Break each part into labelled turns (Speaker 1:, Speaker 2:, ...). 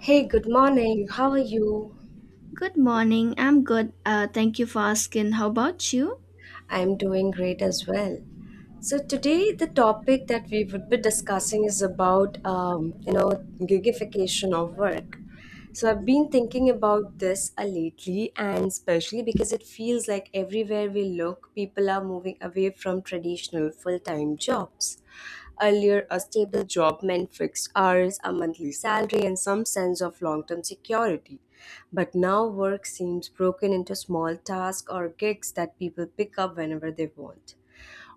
Speaker 1: Hey, good morning. How are you?
Speaker 2: Good morning. I'm good. Thank you for asking. How about you?
Speaker 1: I'm doing great as well. So today the topic that we would be discussing is about you know gigification of work. So I've been thinking about this lately, and especially because it feels like everywhere we look, people are moving away from traditional full-time jobs. Earlier, a stable job meant fixed hours, a monthly salary, and some sense of long-term security. But now work seems broken into small tasks or gigs that people pick up whenever they want.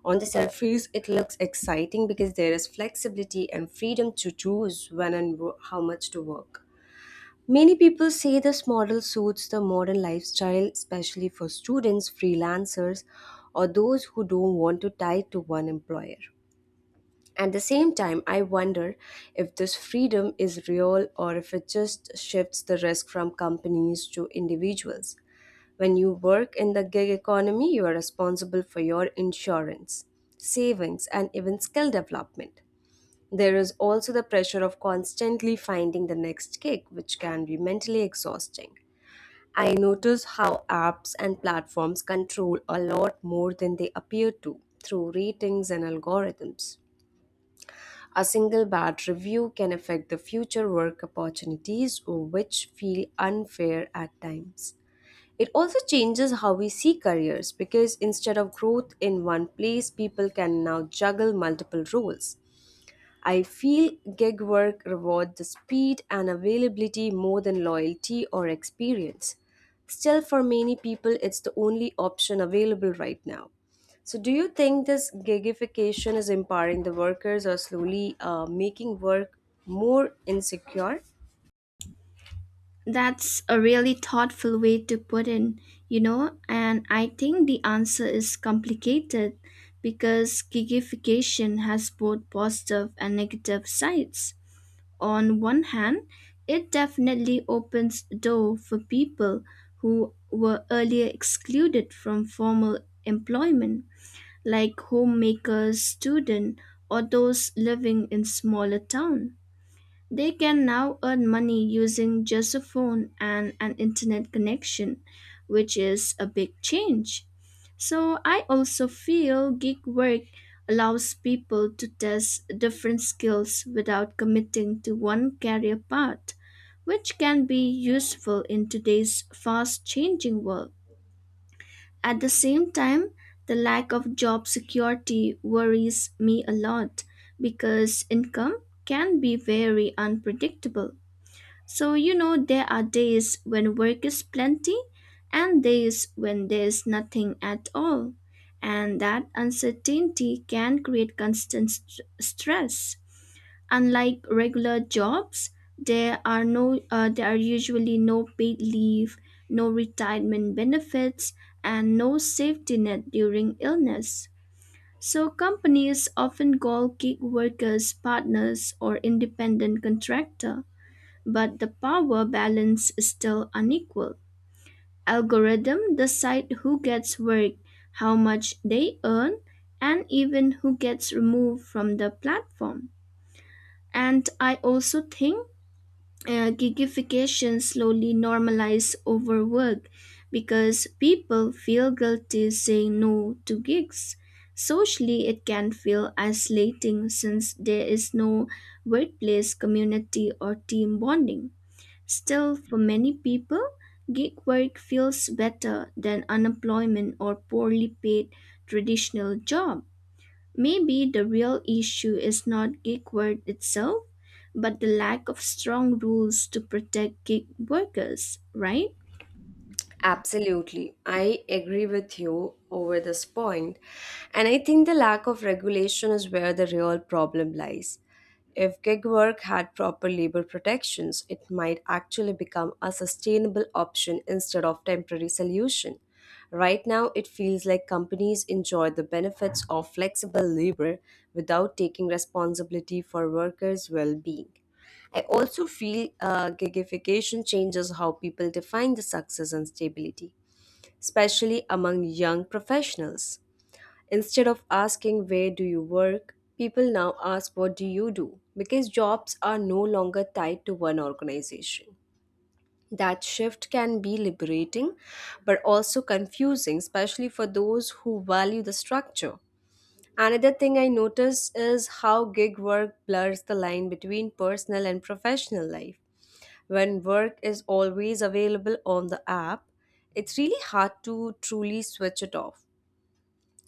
Speaker 1: On the surface, it looks exciting because there is flexibility and freedom to choose when and how much to work. Many people say this model suits the modern lifestyle, especially for students, freelancers, or those who don't want to tie to one employer. At the same time, I wonder if this freedom is real or if it just shifts the risk from companies to individuals. When you work in the gig economy, you are responsible for your insurance, savings, and even skill development. There is also the pressure of constantly finding the next gig, which can be mentally exhausting. I notice how apps and platforms control a lot more than they appear to through ratings and algorithms. A single bad review can affect the future work opportunities, which feel unfair at times. It also changes how we see careers because instead of growth in one place, people can now juggle multiple roles. I feel gig work rewards the speed and availability more than loyalty or experience. Still, for many people, it's the only option available right now. So, do you think this gigification is empowering the workers or slowly making work more insecure?
Speaker 2: That's a really thoughtful way to put in, you know, and I think the answer is complicated because gigification has both positive and negative sides. On one hand, it definitely opens the door for people who were earlier excluded from formal employment, like homemakers, students, or those living in smaller towns. They can now earn money using just a phone and an internet connection, which is a big change. So I also feel gig work allows people to test different skills without committing to one career path, which can be useful in today's fast changing world. At the same time, the lack of job security worries me a lot because income can be very unpredictable so, you know, there are days when work is plenty and days when there is nothing at all. And that uncertainty can create constant stress. Unlike regular jobs, there are no there are usually no paid leave, no retirement benefits, and no safety net during illness. So companies often call gig workers partners or independent contractor, but the power balance is still unequal. Algorithms decide who gets work, how much they earn, and even who gets removed from the platform. And I also think gigification slowly normalizes overwork because people feel guilty saying no to gigs. Socially, it can feel isolating since there is no workplace community or team bonding. Still, for many people, gig work feels better than unemployment or poorly paid traditional job. Maybe the real issue is not gig work itself, but the lack of strong rules to protect gig workers, right?
Speaker 1: Absolutely. I agree with you over this point. And I think the lack of regulation is where the real problem lies. If gig work had proper labor protections, it might actually become a sustainable option instead of temporary solution. Right now, it feels like companies enjoy the benefits of flexible labor without taking responsibility for workers' well-being. I also feel gigification changes how people define the success and stability, especially among young professionals. Instead of asking where do you work, people now ask what do you do because jobs are no longer tied to one organization. That shift can be liberating but also confusing, especially for those who value the structure. Another thing I notice is how gig work blurs the line between personal and professional life when work is always available on the app, it's really hard to truly switch it off.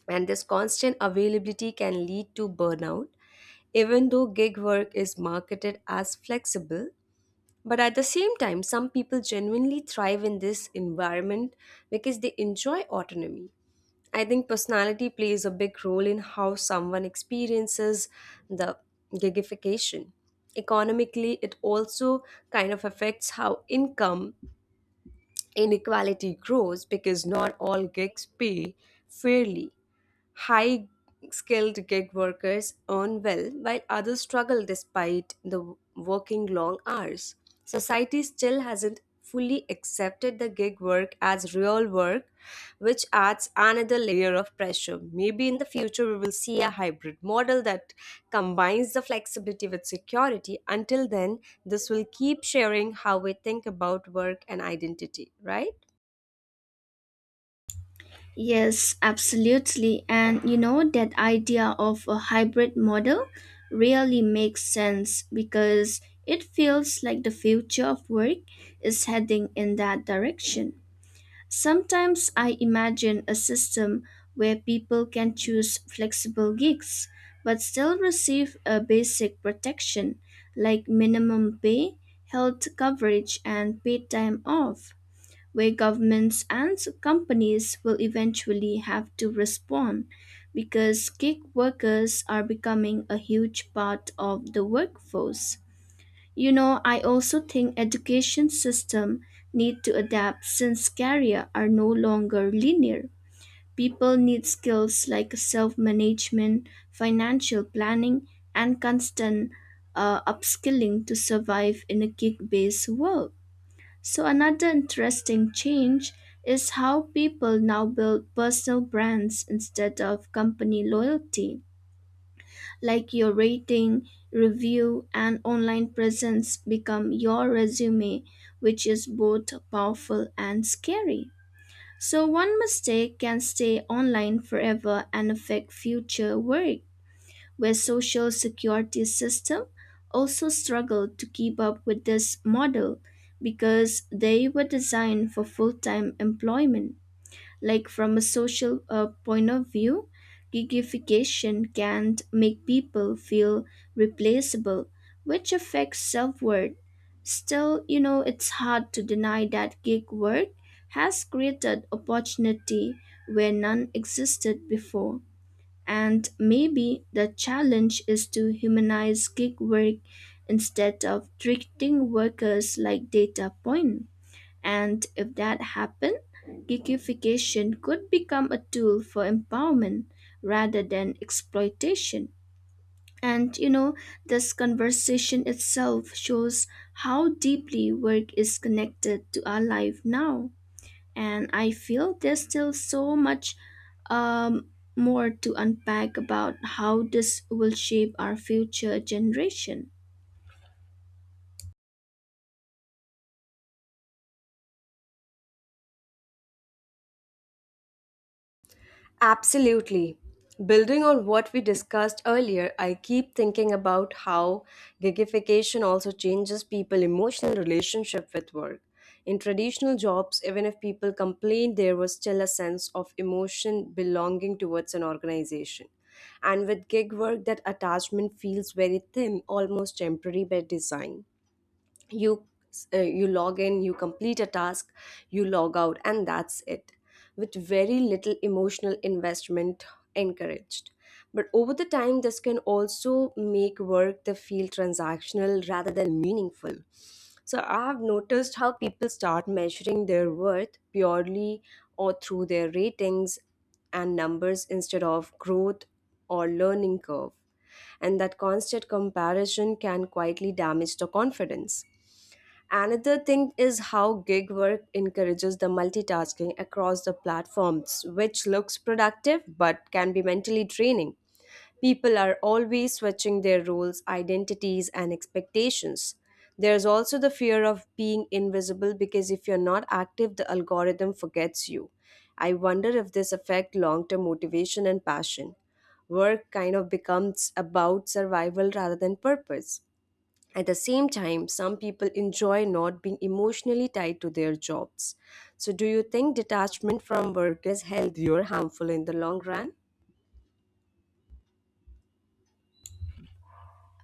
Speaker 1: And this constant availability can lead to burnout, even though gig work is marketed as flexible. But at the same time, some people genuinely thrive in this environment because they enjoy autonomy. I think personality plays a big role in how someone experiences the gigification. Economically, it also kind of affects how income inequality grows because not all gigs pay fairly. High skilled gig workers earn well while others struggle despite the working long hours. Society still hasn't fully accepted the gig work as real work, which adds another layer of pressure. Maybe in the future we will see a hybrid model that combines the flexibility with security. Until then, this will keep sharing how we think about work and identity, right?
Speaker 2: Yes, absolutely. And you know, that idea of a hybrid model really makes sense because it feels like the future of work is heading in that direction. Sometimes I imagine a system where people can choose flexible gigs but still receive a basic protection like minimum pay, health coverage, and paid time off, where governments and companies will eventually have to respond because gig workers are becoming a huge part of the workforce. You know, I also think education system need to adapt since career are no longer linear. People need skills like self-management, financial planning, and constant upskilling to survive in a gig-based world. So another interesting change is how people now build personal brands instead of company loyalty like your rating, review, and online presence become your resume, which is both powerful and scary. So, one mistake can stay online forever and affect future work, where social security system also struggle to keep up with this model because they were designed for full-time employment like from a social point of view gigification can make people feel replaceable, which affects self-worth. Still, you know, it's hard to deny that gig work has created opportunity where none existed before, and maybe the challenge is to humanize gig work instead of treating workers like data point. And if that happens, Geekification could become a tool for empowerment rather than exploitation. And you know, this conversation itself shows how deeply work is connected to our life now. And I feel there's still so much um, more to unpack about how this will shape our future generation.
Speaker 1: Absolutely. Building on what we discussed earlier, I keep thinking about how gigification also changes people' emotional relationship with work. In traditional jobs, even if people complained, there was still a sense of emotion belonging towards an organization. And with gig work, that attachment feels very thin, almost temporary by design. you you log in, you complete a task, you log out, and that's it, with very little emotional investment encouraged. But over the time this can also make work the feel transactional rather than meaningful. So I have noticed how people start measuring their worth purely or through their ratings and numbers instead of growth or learning curve, and that constant comparison can quietly damage the confidence. Another thing is how gig work encourages the multitasking across the platforms, which looks productive but can be mentally draining. People are always switching their roles, identities, and expectations. There's also the fear of being invisible because if you're not active, the algorithm forgets you. I wonder if this affects long term motivation and passion. Work kind of becomes about survival rather than purpose. At the same time, some people enjoy not being emotionally tied to their jobs. So, do you think detachment from work is healthy or harmful in the long run?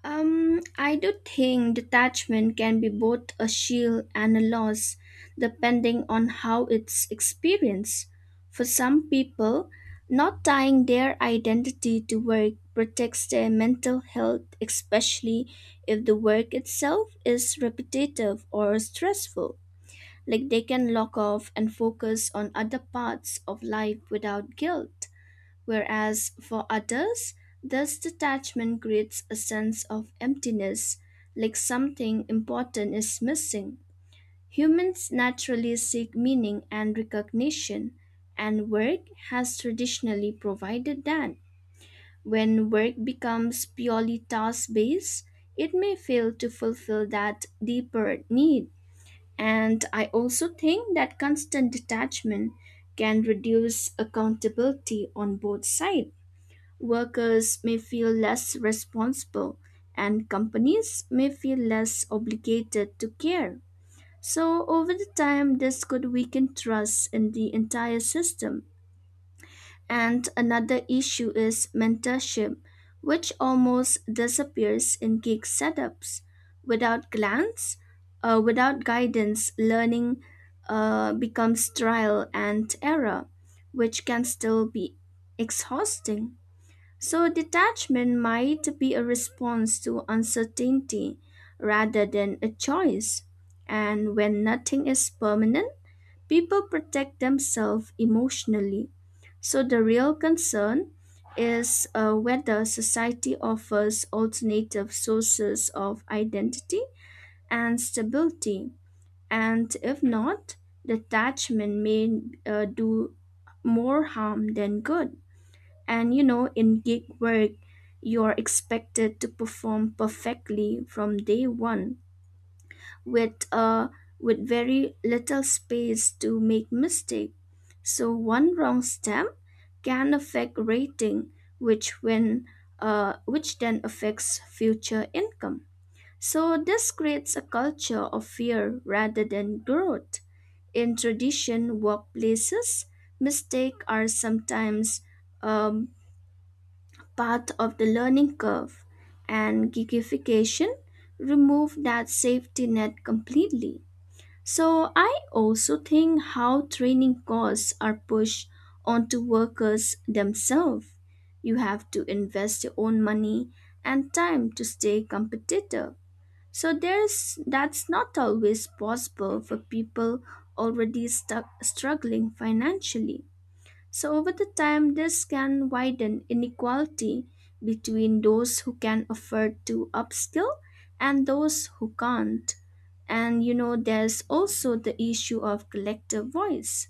Speaker 2: I do think detachment can be both a shield and a loss, depending on how it's experienced. For some people, not tying their identity to work protects their mental health, especially if the work itself is repetitive or stressful. Like they can lock off and focus on other parts of life without guilt, whereas for others, this detachment creates a sense of emptiness, like something important is missing. Humans naturally seek meaning and recognition, and work has traditionally provided that. When work becomes purely task based, it may fail to fulfill that deeper need. And I also think that constant detachment can reduce accountability on both sides. Workers may feel less responsible, and companies may feel less obligated to care. So, over the time, this could weaken trust in the entire system. And another issue is mentorship, which almost disappears in gig setups. Without glance, Without guidance, learning becomes trial and error, which can still be exhausting. So, detachment might be a response to uncertainty rather than a choice. And when nothing is permanent, people protect themselves emotionally. So, the real concern is whether society offers alternative sources of identity and stability. And if not, detachment may do more harm than good. And you know, in gig work, you're expected to perform perfectly from day one with with very little space to make mistake. So one wrong step can affect rating, which when which then affects future income. So this creates a culture of fear rather than growth. In tradition workplaces, mistakes are sometimes um, path of the learning curve, and gigification removed that safety net completely. So, I also think how training costs are pushed onto workers themselves. You have to invest your own money and time to stay competitive. So, there's that's not always possible for people already stuck struggling financially. So, over the time, this can widen inequality between those who can afford to upskill and those who can't. And you know, there's also the issue of collective voice.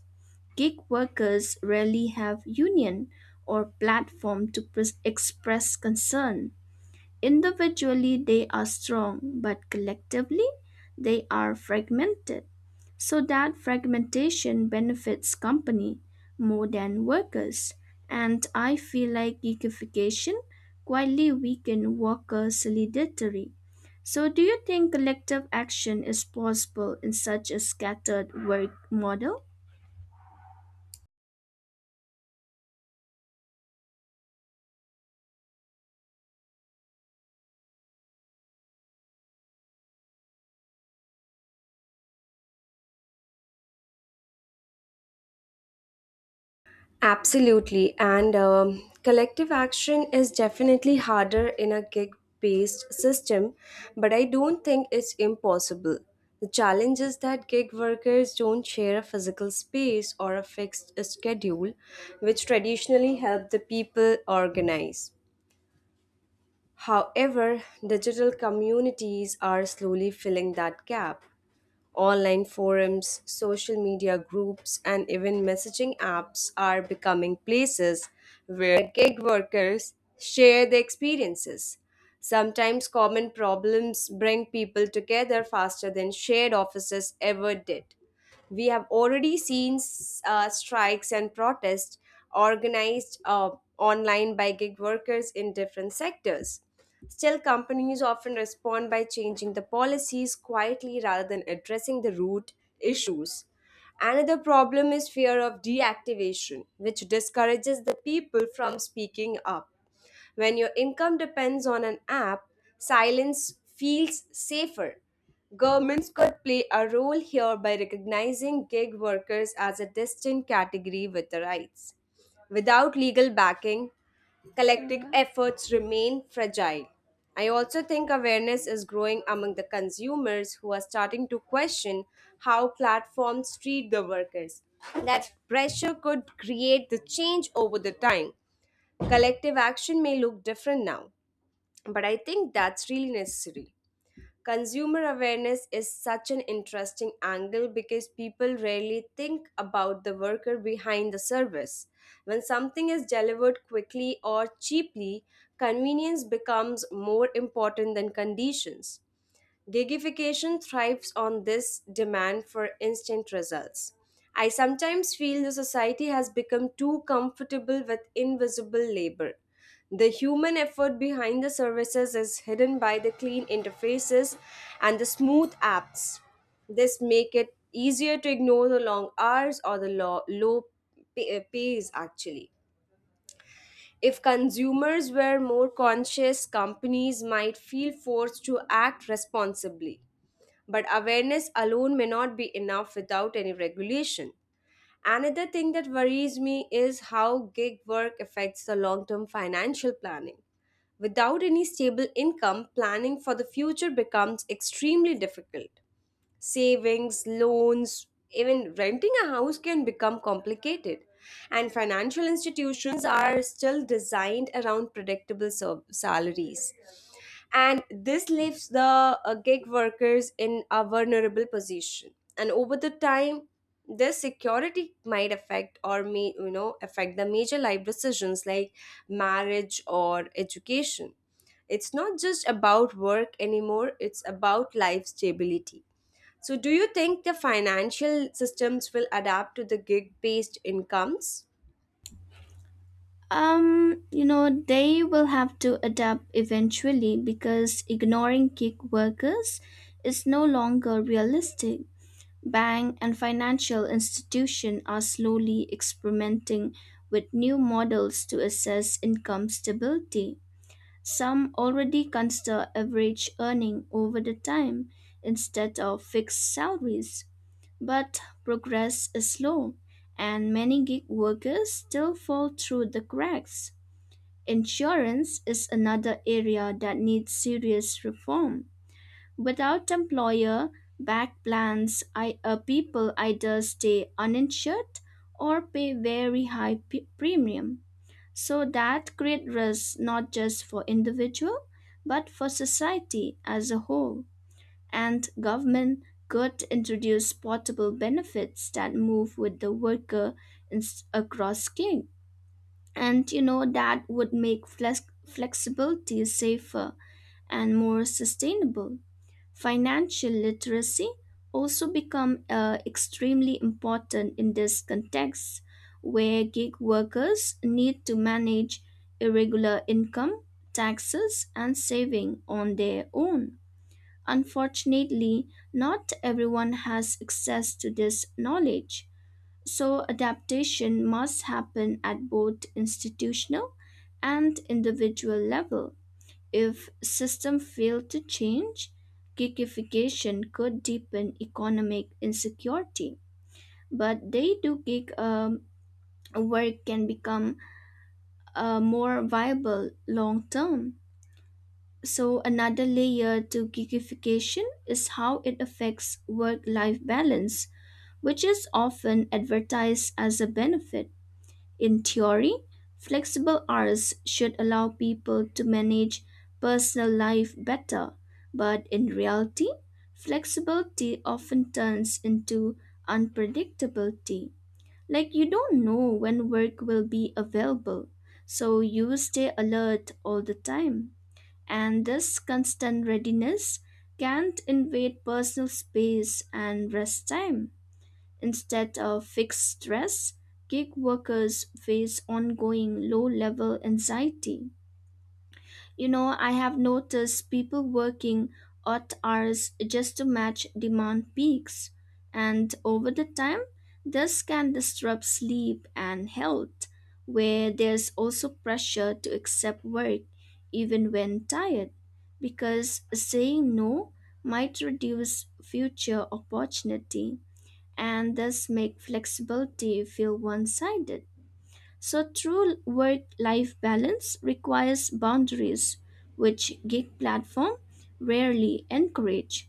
Speaker 2: Gig workers rarely have union or platform to pres express concern. Individually, they are strong, but collectively, they are fragmented. So that fragmentation benefits company more than workers. And I feel like geekification quietly weaken worker solidarity. So, do you think collective action is possible in such a scattered work model?
Speaker 1: Absolutely. And collective action is definitely harder in a gig based system, but I don't think it's impossible. The challenge is that gig workers don't share a physical space or a fixed schedule, which traditionally help the people organize. However, digital communities are slowly filling that gap. Online forums, social media groups, and even messaging apps are becoming places where gig workers share their experiences. Sometimes common problems bring people together faster than shared offices ever did. We have already seen strikes and protests organized online by gig workers in different sectors. Still, companies often respond by changing the policies quietly rather than addressing the root issues. Another problem is fear of deactivation, which discourages the people from speaking up. When your income depends on an app, silence feels safer. Governments could play a role here by recognizing gig workers as a distinct category with the rights. Without legal backing, collective efforts remain fragile. I also think awareness is growing among the consumers who are starting to question how platforms treat the workers. That pressure could create the change over the time. Collective action may look different now, but I think that's really necessary. Consumer awareness is such an interesting angle because people rarely think about the worker behind the service. When something is delivered quickly or cheaply, convenience becomes more important than conditions. Gigification thrives on this demand for instant results. I sometimes feel the society has become too comfortable with invisible labor. The human effort behind the services is hidden by the clean interfaces and the smooth apps. This make it easier to ignore the long hours or the pays actually. If consumers were more conscious, companies might feel forced to act responsibly. But awareness alone may not be enough without any regulation. Another thing that worries me is how gig work affects the long term financial planning. Without any stable income, planning for the future becomes extremely difficult. Savings, loans, even renting a house can become complicated. And financial institutions are still designed around predictable salaries. And this leaves the gig workers in a vulnerable position. And over the time, this security might affect or may you know affect the major life decisions like marriage or education. It's not just about work anymore, it's about life stability. So, do you think the financial systems will adapt to the gig based incomes?
Speaker 2: You know, they will have to adapt eventually because ignoring gig workers is no longer realistic. Bank and financial institution are slowly experimenting with new models to assess income stability. Some already consider average earning over the time instead of fixed salaries, but progress is slow and many gig workers still fall through the cracks. Insurance is another area that needs serious reform. Without employer backed plans, people either stay uninsured or pay very high premium. So that creates risks not just for individual but for society as a whole. And government could introduce portable benefits that move with the worker in- across scale, and you know, that would make flexibility safer and more sustainable. Financial literacy also become extremely important in this context where gig workers need to manage irregular income, taxes and saving on their own. Unfortunately, not everyone has access to this knowledge. So, adaptation must happen at both institutional and individual level. If system fail to change, gigification could deepen economic insecurity. But they do gig work can become more viable long term. So, another layer to gigification is how it affects work life balance, which is often advertised as a benefit. In theory, flexible hours should allow people to manage personal life better, but in reality, flexibility often turns into unpredictability. Like you don't know when work will be available, so you stay alert all the time. And this constant readiness can't invade personal space and rest time. Instead of fixed stress, gig workers face ongoing low level anxiety. You know, I have noticed people working odd hours just to match demand peaks, and over the time, this can disrupt sleep and health, where there's also pressure to accept work even when tired, because saying no might reduce future opportunity and thus make flexibility feel one sided. So, true work life balance requires boundaries, which gig platform rarely encourage.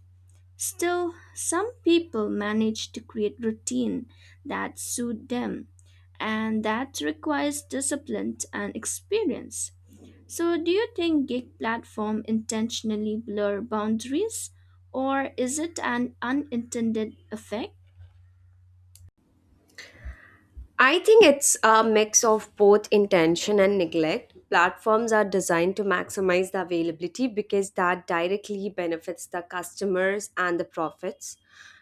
Speaker 2: Still, some people manage to create routine that suit them, and that requires discipline and experience. So, do you think gig platform intentionally blur boundaries, or is it an unintended effect?
Speaker 1: I think it's a mix of both intention and neglect. Platforms are designed to maximize the availability because that directly benefits the customers and the profits.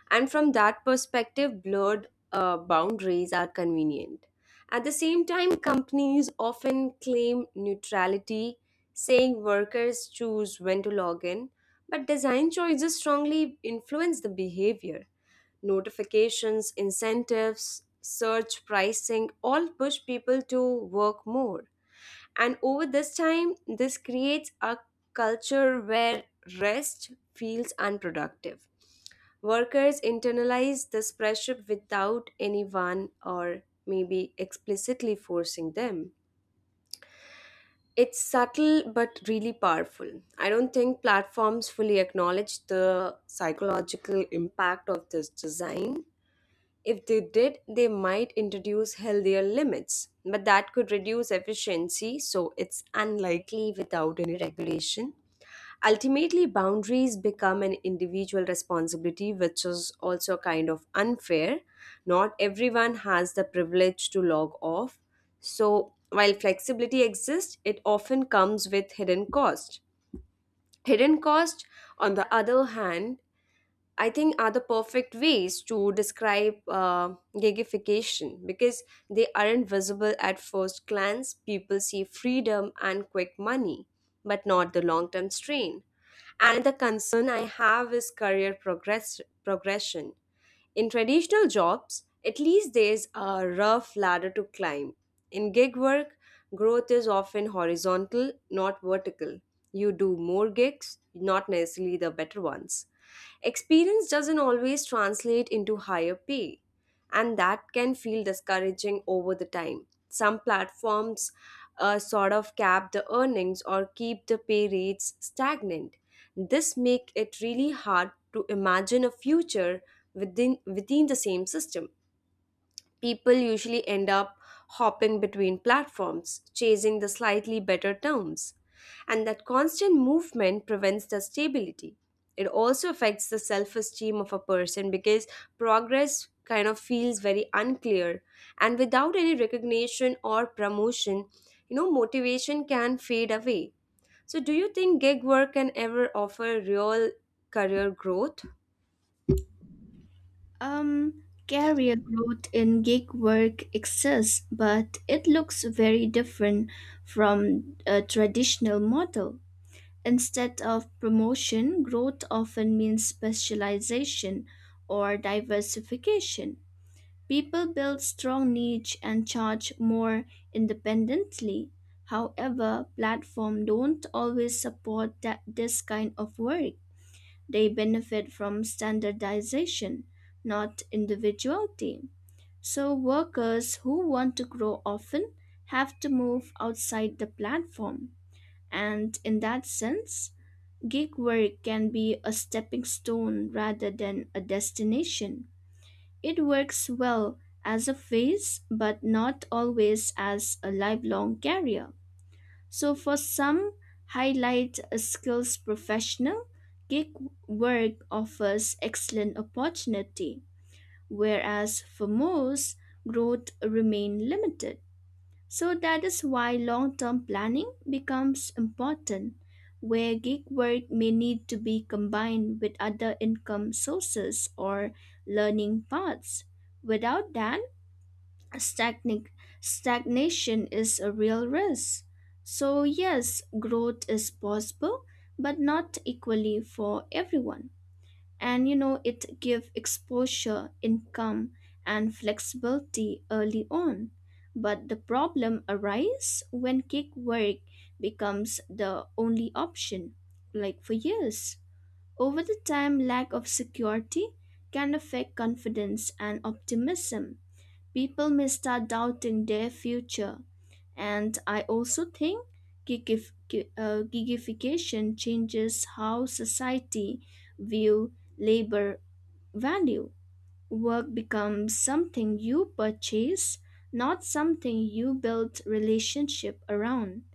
Speaker 1: And from that perspective, blurred boundaries are convenient. At the same time, companies often claim neutrality, saying workers choose when to log in, but design choices strongly influence the behavior. Notifications, incentives, search pricing all push people to work more. And over this time, this creates a culture where rest feels unproductive. Workers internalize this pressure without anyone or maybe explicitly forcing them. It's subtle but really powerful. I don't think platforms fully acknowledge the psychological impact of this design. If they did, they might introduce healthier limits, but that could reduce efficiency, so it's unlikely without any regulation. Ultimately, boundaries become an individual responsibility, which is also kind of unfair. Not everyone has the privilege to log off, so while flexibility exists, it often comes with hidden cost. Hidden cost, on the other hand, I think are the perfect ways to describe gigification because they aren't visible at first glance. People see freedom and quick money, but not the long term strain. And the concern I have is career progression. In traditional jobs, at least there's a rough ladder to climb. In gig work, growth is often horizontal, not vertical. You do more gigs, not necessarily the better ones. Experience doesn't always translate into higher pay, and that can feel discouraging over the time. Some platforms sort of cap the earnings or keep the pay rates stagnant. This make it really hard to imagine a future within the same system. People usually end up hopping between platforms, chasing the slightly better terms. And that constant movement prevents the stability. It also affects the self esteem of a person because progress kind of feels very unclear. And without any recognition or promotion, you know, motivation can fade away. So, do you think gig work can ever offer real career growth?
Speaker 2: Career growth in gig work exists, but it looks very different from a traditional model. Instead of promotion, growth often means specialization or diversification. People build strong niche and charge more independently. However, platforms don't always support that, this kind of work. They benefit from standardization, not individuality. So, workers who want to grow often have to move outside the platform. And in that sense, gig work can be a stepping stone rather than a destination. It works well as a phase, but not always as a lifelong career. So for some, highlight a skills professional, gig work offers excellent opportunity, whereas for most, growth remain limited. So that is why long-term planning becomes important, where gig work may need to be combined with other income sources or learning paths. Without that, Stagnic stagnation is a real risk. So, yes, growth is possible, but not equally for everyone. And you know, it gives exposure, income, and flexibility early on. But the problem arises when gig work becomes the only option, like for years. Over the time, lack of security can affect confidence and optimism, people may start doubting their future. And I also think gigification changes how society view labor value. Work becomes something you purchase, not something you build relationship around.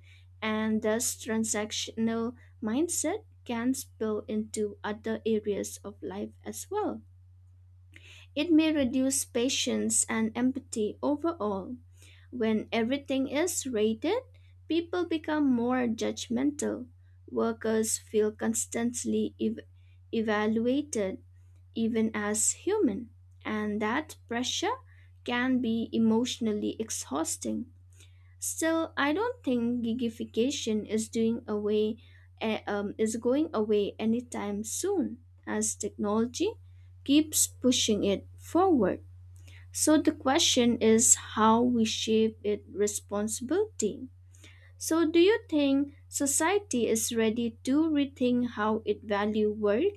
Speaker 2: And thus transactional mindset can spill into other areas of life as well. It may reduce patience and empathy overall. When everything is rated, people become more judgmental. Workers feel constantly evaluated, even as human, and that pressure can be emotionally exhausting. Still, I don't think gigification is is going away anytime soon as technology keeps pushing it forward. So the question is how we shape it responsibility. So do you think society is ready to rethink how it value work?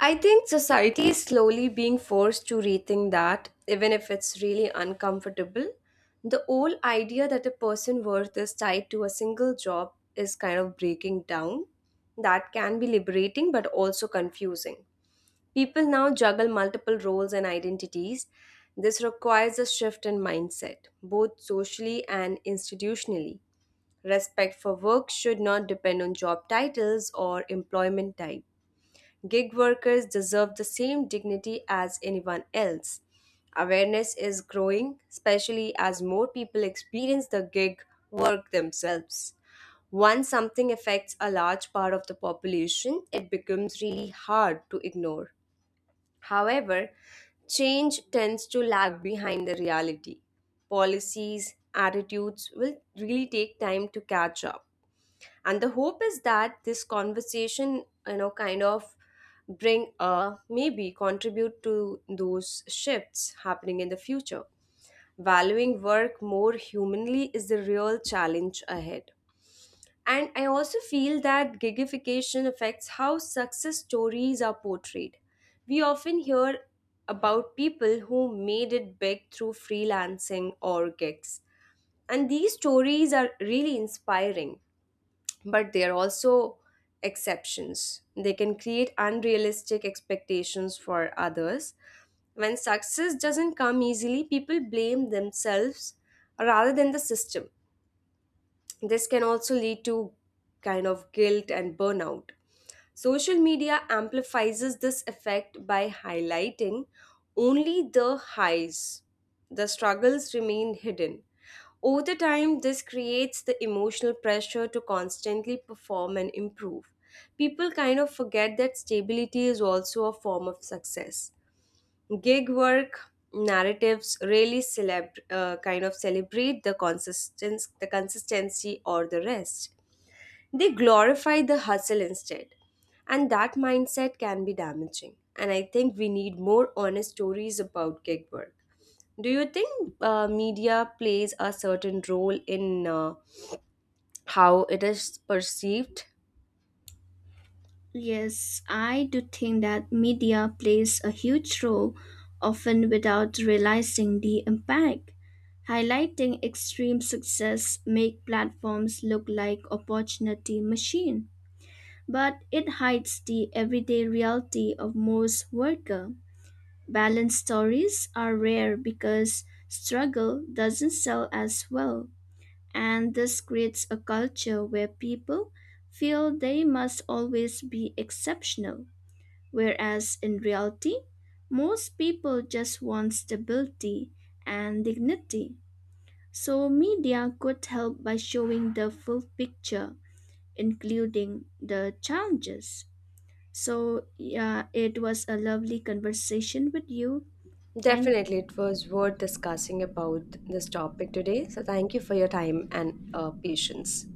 Speaker 1: I think society is slowly being forced to rethink that, even if it's really uncomfortable. The old idea that a person's worth is tied to a single job is kind of breaking down. That can be liberating but also confusing. People now juggle multiple roles and identities. This requires a shift in mindset, both socially and institutionally. Respect for work should not depend on job titles or employment type. Gig workers deserve the same dignity as anyone else. Awareness is growing, especially as more people experience the gig work themselves. Once something affects a large part of the population, it becomes really hard to ignore. However, change tends to lag behind the reality. Policies, attitudes will really take time to catch up, and the hope is that this conversation, you know, kind of bring maybe contribute to those shifts happening in the future. Valuing work more humanly is the real challenge ahead. And I also feel that gigification affects how success stories are portrayed. We often hear about people who made it big through freelancing or gigs, and these stories are really inspiring, but they are also exceptions. They can create unrealistic expectations for others. When success doesn't come easily, people blame themselves rather than the system. This can also lead to kind of guilt and burnout. Social media amplifies this effect by highlighting only the highs. The struggles remain hidden. Over the time, this creates the emotional pressure to constantly perform and improve. People kind of forget that stability is also a form of success. Gig work narratives really kind of celebrate the consistency or the rest. They glorify the hustle instead, and that mindset can be damaging. And I think we need more honest stories about gig work. Do you think media plays a certain role in how it is perceived?
Speaker 2: Yes, I do think that media plays a huge role, often without realizing the impact. Highlighting extreme success make platforms look like opportunity machine, but it hides the everyday reality of most worker. Balanced stories are rare because struggle doesn't sell as well, and this creates a culture where people feel they must always be exceptional. Whereas in reality, most people just want stability and dignity. So, media could help by showing the full picture, including the challenges. So, yeah, it was a lovely conversation with you. Thank
Speaker 1: Definitely, it was worth discussing about this topic today. So, thank you for your time and patience.